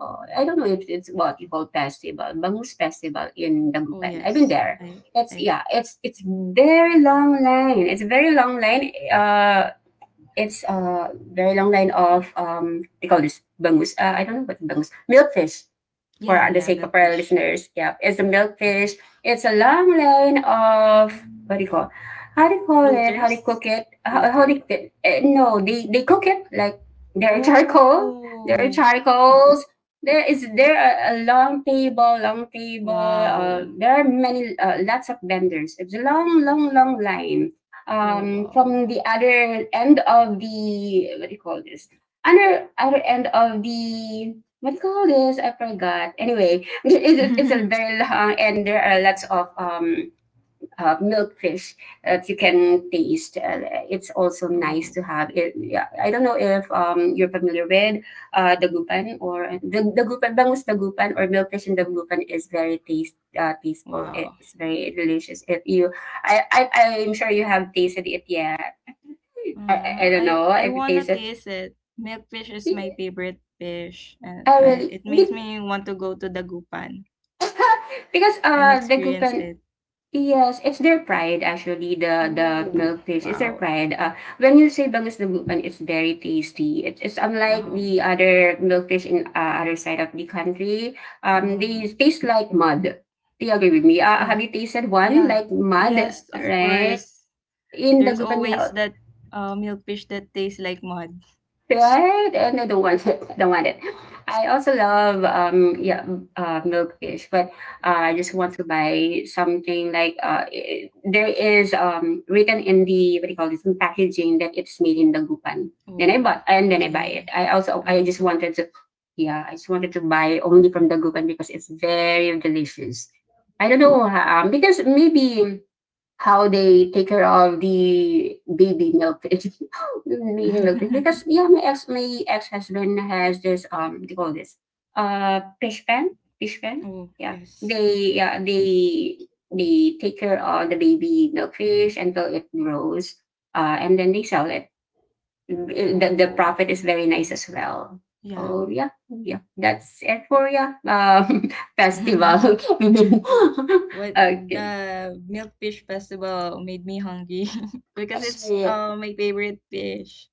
I don't know if it's what you call festival, bangus festival in
Oh
Dagupan. I've been
yes.
there. it's
I
yeah it's it's very long line, it's a very long line, it's a very long line of they call this bangus I don't know what bangus, milkfish, for
yeah,
the
yeah,
sake of our
milkfish.
listeners, yeah, it's a milkfish. It's a long line of what do you call? How do you call it? How do you
Floaters?
cook it?
Floater.
No? They cook it like their (laughs) charcoal. Their
Oh
charcoals. There is there a, long table, long table.
wow.
There are many lots of vendors. It's a long, long, long line.
Oh wow.
From the other end of the what do you call this? Other end of the what do you call this? I forgot. Anyway, (laughs) it's a
(laughs)
very long, and there are lots of milk fish that you can taste. It's also nice
oh
to have it. Yeah, I don't know if you're familiar with dagupan or the dagupan, bangus dagupan or milk fish in dagupan is very taste tasteful.
wow.
It's very delicious. If you, I, I, I'm sure you have tasted it yet. I
Uh,
don't
I
know
I
if it
wanna
tasted.
taste it. Milkfish is my favorite fish, and
I
I
really,
it makes
be-
me want to go to Dagupan
(laughs) because
and
the
experience
glucon.
it.
Yes, it's their pride, actually, the
Oh
milkfish, it's their
wow.
pride. Uh, when you say bangus de glucon, it's very tasty. It's unlike
Wow.
the other milkfish in other side of the country. Um, they
Um
taste like mud. Do you agree with me?
yeah.
Have you tasted one
Yeah.
like mud,
Yes, of
right?
course.
In the
There's
Dagupan, you
always
have,
that, milkfish that tastes like mud.
right? No, don't want it. Don't want it. I also love milkfish, but I just want to buy something like there is written in the what do you call this in packaging that it's made in Dagupan. Then I
Oh,
bought and then I buy
okay.
it.
I
I
would
just
look.
wanted to yeah I just wanted to buy only from Dagupan because it's very delicious. I don't know because maybe how they take care of the baby milk (laughs) baby milk
(laughs)
because yeah my ex husband has this they call this fish pen, fish pen
Oh,
yeah,
yes.
they yeah they they take care of the baby milkfish until it grows and then they sell it. The
Oh,
profit is very nice
okay.
as well.
Yeah.
Oh yeah, yeah, that's it for yeah (laughs) festival.
(laughs) Oh, what,
(laughs)
the
Okay.
milkfish festival made me hungry (laughs) because it's
Yeah.
my favorite fish,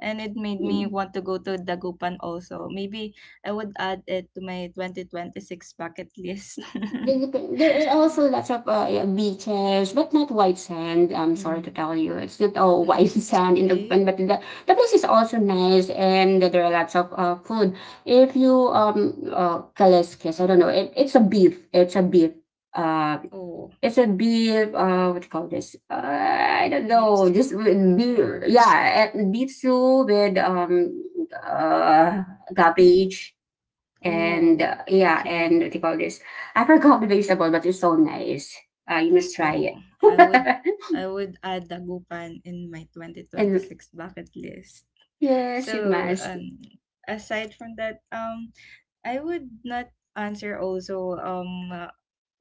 and it made me
Mm.
want to go to Dagupan also. Maybe I would add it to my 2026 bucket list. (laughs)
Philippines, there are also lots of yeah, beaches, but not white sand. I'm sorry to tell
Mm.
you, it's not all white (laughs)
(laughs) It's
sand in the
okay.
Philippines, but the place is also nice, and there are lots of food. If you kaliskis, I don't know, it's a beef. It's a beef. Uh,
Oh,
it's a beef. What do you call this? I don't
beef
know. Just
stew?
with beef.
Or
Yeah, beef soup with uh cabbage and
oh,
yeah, and
okay.
what do you call this? I forgot the vegetable, but it's so nice. You must try it.
Oh, I would I would add dagupan in my
(laughs) And
2026 bucket list.
yes, you
So,
must.
aside from that, I would not answer also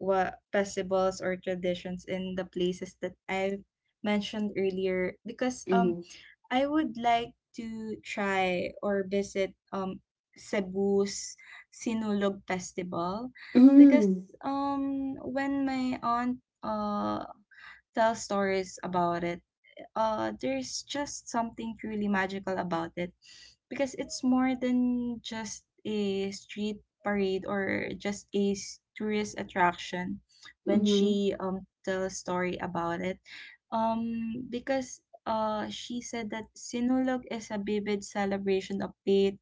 what festivals or traditions in the places that I mentioned earlier, because
Mm.
I would like to try or visit Cebu's Sinulog Festival, because
Mm.
when my aunt tell stories about it, there's just something truly magical about it, because it's more than just a street parade or just a tourist attraction, when
Mm.
she tells a story about it. Because she said that Sinulog is a vivid celebration of faith,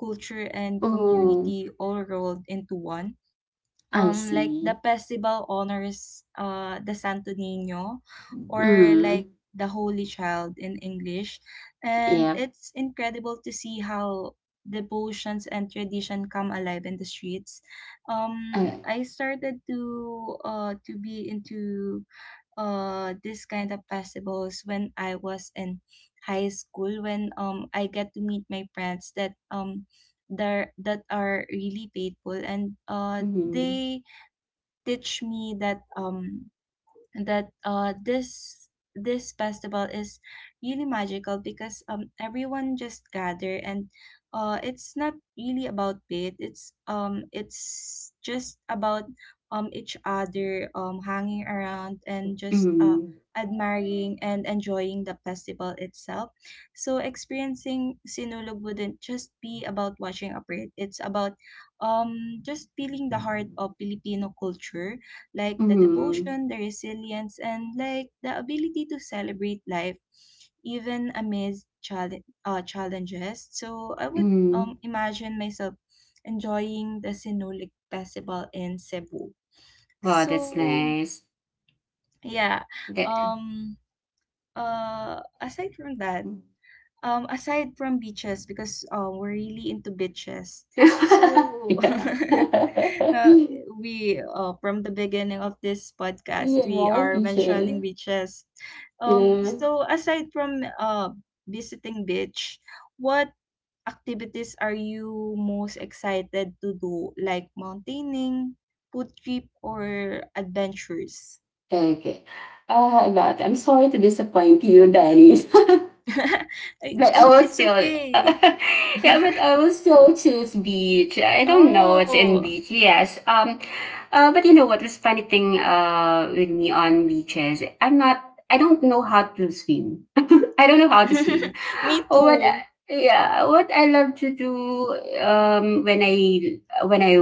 culture, and
Oh,
community all rolled into one.
I
Like the
see.
festival honors the Santo Niño, or
Mm.
like the Holy Child in English, and
Yeah.
it's incredible to see how devotions and tradition come alive in the streets. um
I,
I started to be into this kind of festivals when I was in high school, when I get to meet my friends that are really faithful, and
mm.
they teach me that this festival is really magical, because everyone just gather, and it's not really about it. It's just about each other, hanging around and just
Mm.
admiring and enjoying the festival itself. So experiencing Sinulog wouldn't just be about watching a parade. It's about um just feeling the heart of Filipino culture, like the
Mm.
devotion, the resilience, and like the ability to celebrate life, even amidst challenges. So I would
Mm.
imagine myself enjoying the Sinulog Festival in Cebu.
Wow, that's
So
nice.
yeah,
That.
um aside from that
(laughs)
um, aside from beaches, because we're really into beaches. So,
Yeah. (laughs)
(laughs) uh, we, from the beginning of this podcast,
Yeah,
we
I
are
appreciate
mentioning
it.
beaches. Um,
Yeah.
so aside from visiting beach, what activities are you most excited to do? Like mountaining, food trip, or adventures?
Okay. But I'm sorry to disappoint you, Danny. (laughs)
(laughs) I,
But I
oh,
will
it's
still, (laughs)
okay.
yeah, but
(laughs)
I will still choose beach. I don't know what's in
Oh.
beach. Yes. But you know what was funny thing with me on beaches? I'm not. I don't know how to swim. (laughs) I don't know how to swim.
(laughs) Me
Oh, what?
too.
Yeah, what I love to do um when I when I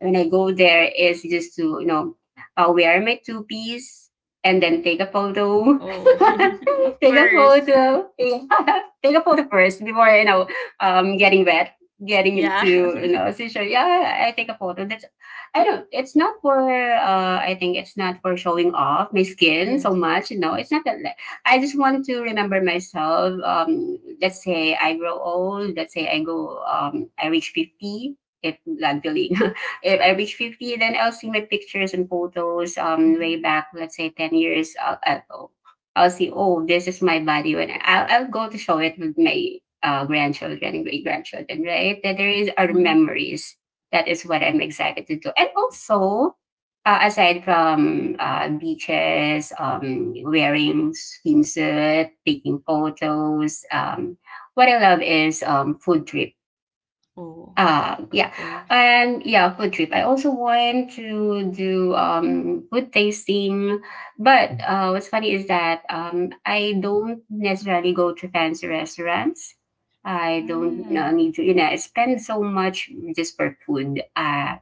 when I go there is just to wear my two piece and then
Mm.
take a photo.
Oh, (laughs) of
(laughs) Take a
course.
photo. (laughs) Yeah, take a photo first before, getting wet, getting
Yeah.
into
(laughs)
seizure. Yeah, I take a photo. That's I don't It's not for I think it's not for showing off my skin so
Yes.
much. No, it's not that. I just want to remember myself. Let's say I grow old, let's say I go I reach 50, if God willing. (laughs) If I reach 50, then I'll see my pictures and photos way
Mm-hmm.
back, let's say 10 years ago. I'll see, oh, this is my body when I, will I'll go to show it with my grandchildren and great grandchildren, right? That there is our
Mm-hmm.
memories. That is what I'm excited to do. And also, aside from beaches, wearing swimsuit, taking photos, what I love is food trips.
Oh, of
Yeah,
course.
and yeah, food trip. I also want to do food tasting, but what's funny is that I don't necessarily go to fancy restaurants. I don't
Mm.
need to, you know, I spend so much just for food.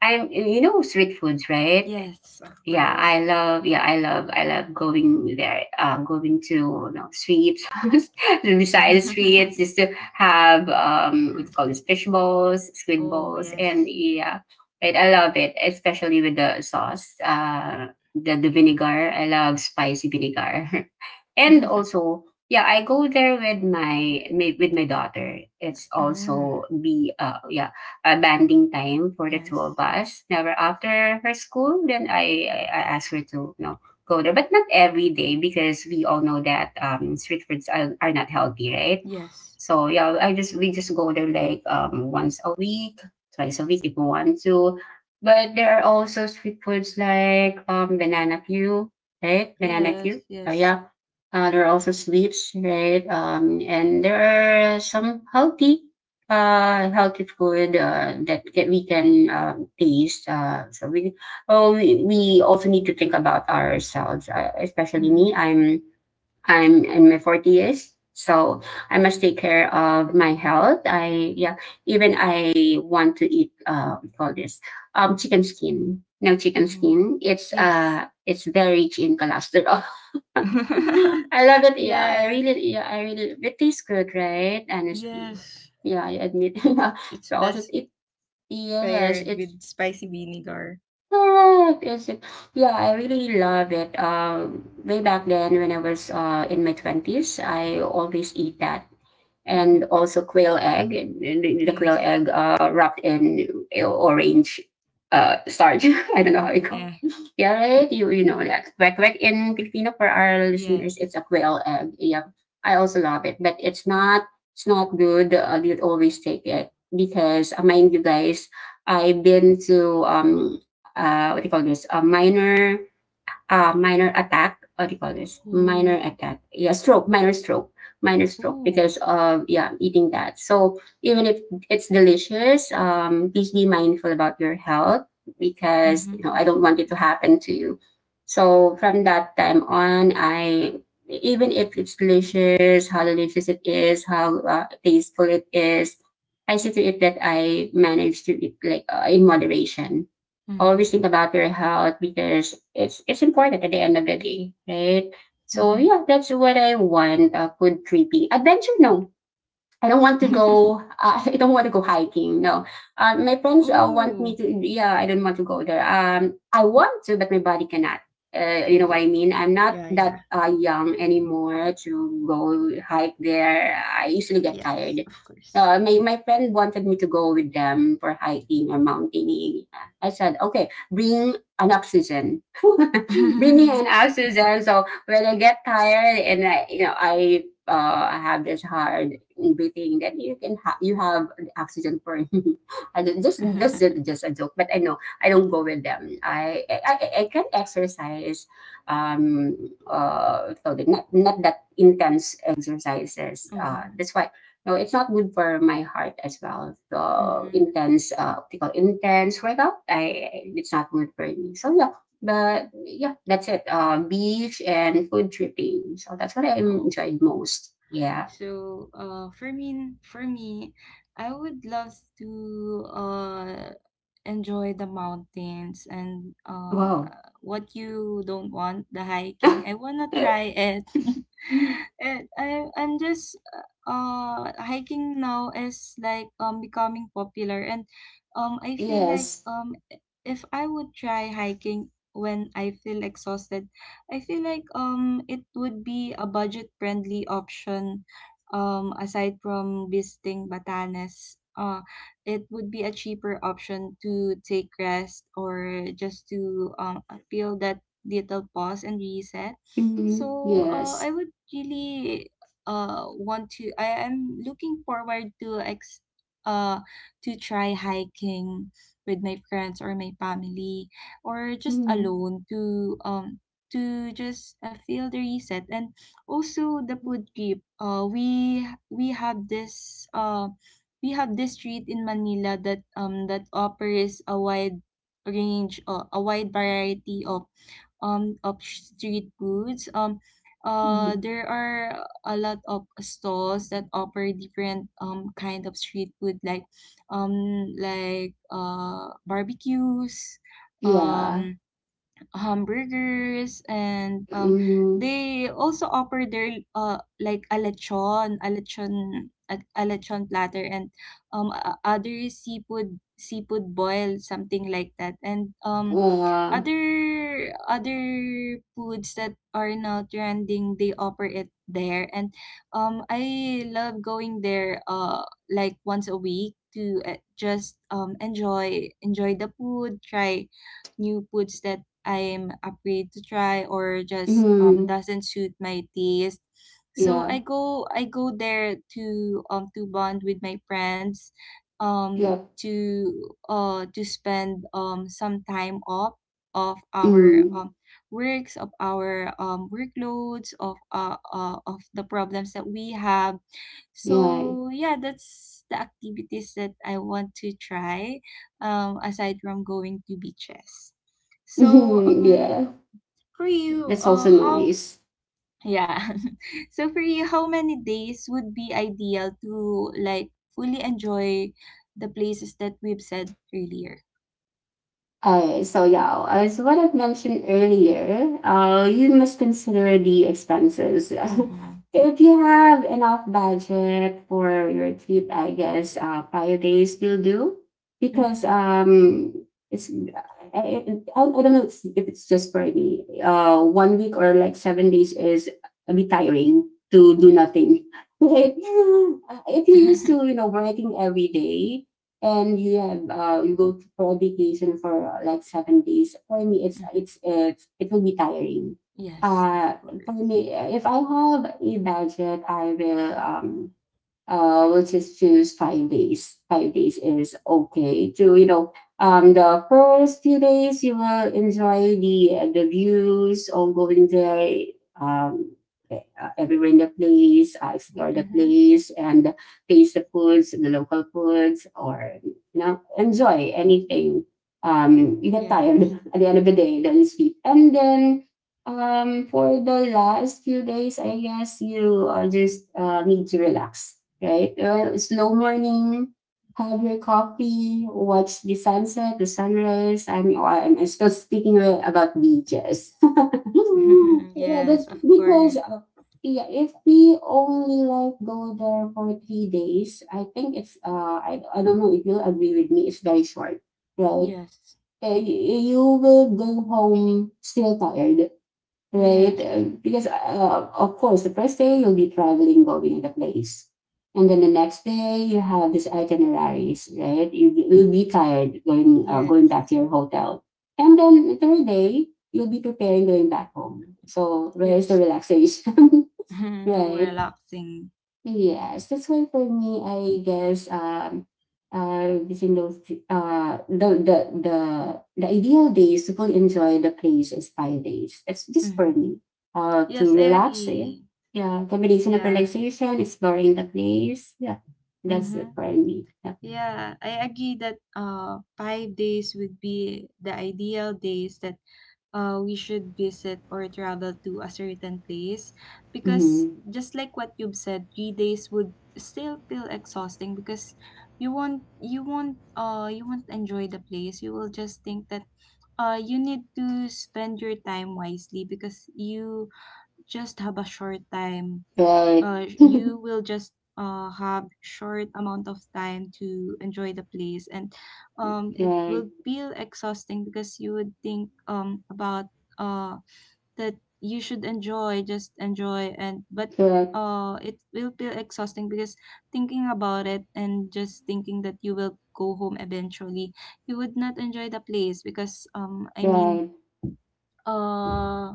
I'm, you know, street foods, right?
Yes, of
Yeah,
course.
I
(laughs)
love, I love going there, going to, you know, streets, (laughs) to beside the streets,
Mm,
just to have what's called
sweet.
this, fish balls, squid
Oh,
balls, and
yes.
yeah. And I love it, especially with the sauce. The vinegar, I love spicy vinegar. (laughs) And
(laughs)
also, yeah, I go there with with my daughter. It's
Mm.
also be yeah, a banding time for the two of
Yes.
us. Never after her school, then I ask her to, you know, go there, but not every day, because we all know that street foods are not healthy, right?
Yes.
So yeah, I just we just go there like once a week, twice a week if we want to. But there are also street foods like banana queue, right? Banana queue.
Yes. Yes.
Yeah, there are also sweets, right? And there are some healthy, healthy food that we can taste. We also need to think about ourselves, especially
Mm-hmm.
me. I'm in my 40s, so I must take care of my health. I Yeah, even I want to eat, what you call this, chicken skin. No, chicken
Mm-hmm.
skin, it's
Yes.
it's very rich in cholesterol. (laughs) I love
(laughs)
it. Yeah, I
Yes.
really, It tastes good, right? Honestly,
Yes.
yeah, I admit. (laughs)
It's
But
it's
also,
best
it yes,
paired
it.
with spicy vinegar.
Correct, is it? Yeah, I really love it. Way back then, when I was in my 20s, I always eat that. And
Mm-hmm.
also quail egg, and the quail
Yes,
egg, wrapped in orange starch. (laughs) I don't know
red.
how it called.
Yeah,
Yeah, right? You know that. Quack quack in Filipino, for our listeners, it's
yes.
a quail egg. Yeah, I also love it. But it's not good. You always take it, because, mind you guys, I've been to what do you call this? A minor, minor attack. What do you call this? Minor
Ooh,
attack. Yeah, stroke, minor stroke, minor stroke,
ooh.
because of, yeah, eating that. So even if it's delicious, please be mindful about your health, because, you
Mm-hmm,
know, I
of
don't want it to
course.
happen to you. So from that time on, I even if it's delicious, how delicious it is, how tasteful it is, I see to it that I manage to eat like, in moderation.
Mm-hmm,
Always think about your health, because it's important at the end of the day, right? So
mm-hmm.
yeah, that's what I want. Food trippy. Adventure, no. I don't want to go.
(laughs)
(laughs) I don't want to go hiking. No, my friends want me
Oh.
to. Yeah, I don't want to go there. I want to, but my body cannot. You know
Oh.
what I mean? I'm not
Yeah, yeah.
that young anymore to go hike there. I usually get
Yes,
tired.
of course.
My friend wanted me to go with them for hiking or mountaineering. I said, okay, bring an oxygen, (laughs) bring me an
(laughs)
oxygen. So when I get tired and I, you know, I have this hard breathing, then you can you have oxygen for me. (laughs) I don't, just a joke, but I know I don't go with them. I can exercise, um, so not that intense exercises.
Mm-hmm,
That's why, no, it's not good for my heart as well. So
mm-hmm.
intense, optical intense workout, I it's not good for me. So yeah, but yeah, that's it. Beach and food tripping. So that's what I
Oh.
enjoyed most. Yeah.
So, for me, I would love to, enjoy the mountains. And
Wow.
what you don't want, the hiking, I wanna try
(laughs)
it. (laughs) I'm just hiking now is like becoming popular, and I feel like
Yes.
if I would try hiking when I feel exhausted, I feel like it would be a budget friendly option, aside from visiting Batanes. It would be a cheaper option to take rest, or just to feel that little pause and reset.
Mm,
So I
yes.
would really I am looking forward uh, to try hiking with my friends or my family, or just
Mm,
alone, to just feel the reset. And also the food trip. We have this uh. We have this street in Manila that that offers a wide variety of street foods.
mm,
There are a lot of stalls that offer different kind of street food, like barbecues,
yeah.
um hamburgers, and
Mm,
they also offer their like a lechon platter, and other seafood boil, something like that, and
uh,
other foods that are now trending, they offer it there. And I love going there like once a week to just enjoy the food, try new foods that I am afraid to try or just
mm,
doesn't suit my taste. So
yeah.
I go there to bond with my friends, um
Yep.
to uh to spend some time off of our
Mm,
works, of our workloads, of the problems that we have.
yeah.
So yeah, that's the activities that I want to try, aside from going to beaches. So
(laughs) Yeah.
for you,
That's also
how
nice.
yeah. (laughs) So for you, how many days would be ideal to like fully enjoy the places that we've said earlier?
So yeah, as what I've mentioned earlier, you must consider the expenses.
Mm-hmm.
(laughs) If you have enough budget for your trip, I guess 5 days will do, because
Mm-hmm.
it's, I don't know if it's just for me. 1 week or like 7 days is a bit tiring to do
Yes.
nothing. (laughs) Right? If you're used to, you
(laughs)
know, working every day, and you have you go for vacation for like 7 days. For me, it's
Mhm.
it's it's it will be tiring.
Yes, of
Uh, for
course.
me, if I have a budget, I will we'll just choose 5 days. 5 days is okay to, you know, the first few days you will enjoy the views, all going there, um, everywhere in the place, explore the
Mm-hmm.
place and taste the foods, the local foods, or, you know, enjoy anything. You get tired
Yes.
(laughs) at the end of the day, then you sleep, and then for the last few days, I guess you just need to relax, right? Well, slow morning, have your coffee, watch the sunset, the sunrise. I'm, oh, I'm still speaking about beaches. (laughs)
(laughs)
Yeah, that's
Yes, of
because
course.
yeah, if we only like go there for 3 days, I think it's, I don't know if you'll agree with me. It's very short, right?
Yes.
You will go home still tired, right?
Yes.
Because of course, the first day you'll be traveling, going the place, and then the next day you have these itineraries, right? You will be tired going going
Yes.
back to your hotel, and then the third day you'll be preparing going back home. So where is the
Yes.
relaxation, (laughs)
(laughs) No
right?
relaxing.
Yes, that's why for me, I guess using those uh the the the the ideal days to fully enjoy the place is 5 days. That's just for
Mm-hmm.
me. To
Yes, I
relax, yeah.
agree.
Yeah. Combination of
Yeah.
relaxation, exploring the place. Yeah. That's it
Mm-hmm.
for me. Yeah.
Yeah, I agree that 5 days would be the ideal days that we should visit or travel to a certain place, because
Mm-hmm.
just like what you've said, 3 days would still feel exhausting, because you won't enjoy the place. You will just think that you need to spend your time wisely, because you just have a short time.
Right.
You
(laughs)
will just have short amount of time to enjoy the place. And it
Right.
will feel exhausting, because you would think about uh, that you should enjoy, just enjoy and but
Right.
it will feel exhausting, because thinking about it and just thinking that you will go home eventually, you would not enjoy the place. Because I mean,
Right.
uh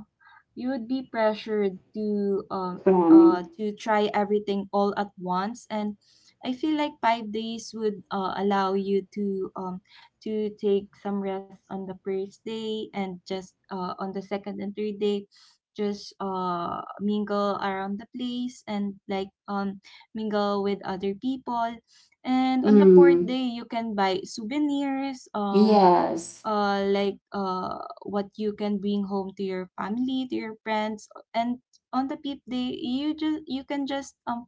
you would be pressured to
From
try everything all at once. And I feel like 5 days would allow you to take some rest on the first day, and just on the second and third day just mingle around the place, and like mingle with other people, and on the fourth
mm.
day you can buy souvenirs,
Yes.
like what you can bring home to your family, to your friends. And on the peep day, you can just um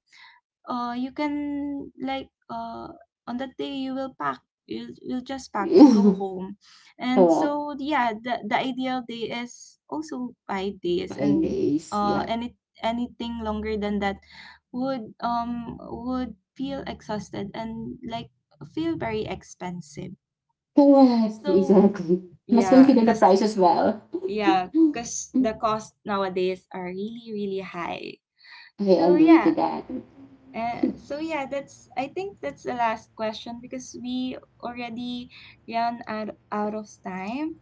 uh you can like on that day you will pack. You'll just pack to go
(laughs)
home. And
Correct.
so yeah, the ideal day is also 5 days.
Five
And
days.
uh
Yeah.
any anything longer than that would feel exhausted, and like feel very expensive.
Correct,
So
exactly. Must
yeah.
consider the
Because
price as well.
yeah, because the
(laughs)
costs nowadays are really, really high.
I
So
agree to
yeah.
that. (laughs)
That's, I think, that's the last question, because we already ran out of time.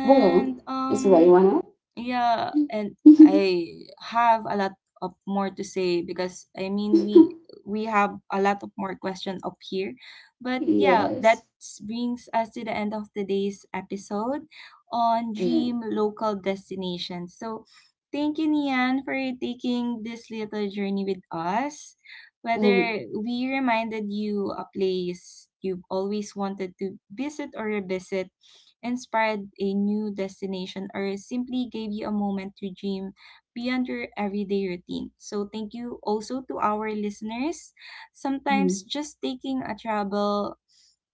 Well, is Ray one up?
yeah,
(laughs)
and I have a lot of more to say, because I mean we have a lot of more questions up here. But yeah,
Yes.
that brings us to the end of today's episode on
Uh,
dream local destinations. So thank you, Nian, for taking this little journey with us.
oh,
Whether we reminded you a place you've always wanted to visit or revisit, inspired a new destination, or simply gave you a moment to dream beyond your everyday routine. So, thank you also to our listeners.
mm,
Sometimes just taking a travel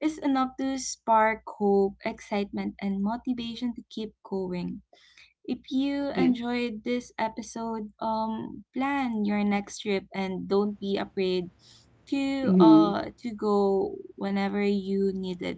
is enough to spark hope, excitement, and motivation to keep going. If you
yeah.
enjoyed this episode, plan your next trip and don't be afraid to
Mm,
uh to go whenever you need it.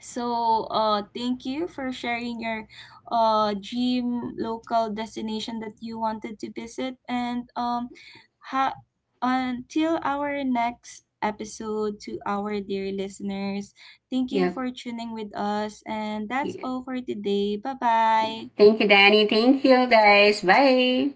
So, thank you for sharing your dream local destination that you wanted to visit. And ha- until our next episode, to our dear listeners, thank you
yeah.
for tuning with us. And that's
Yeah.
all for today. Bye
Yeah.
bye.
Thank you, Danny. Thank you, guys. Bye.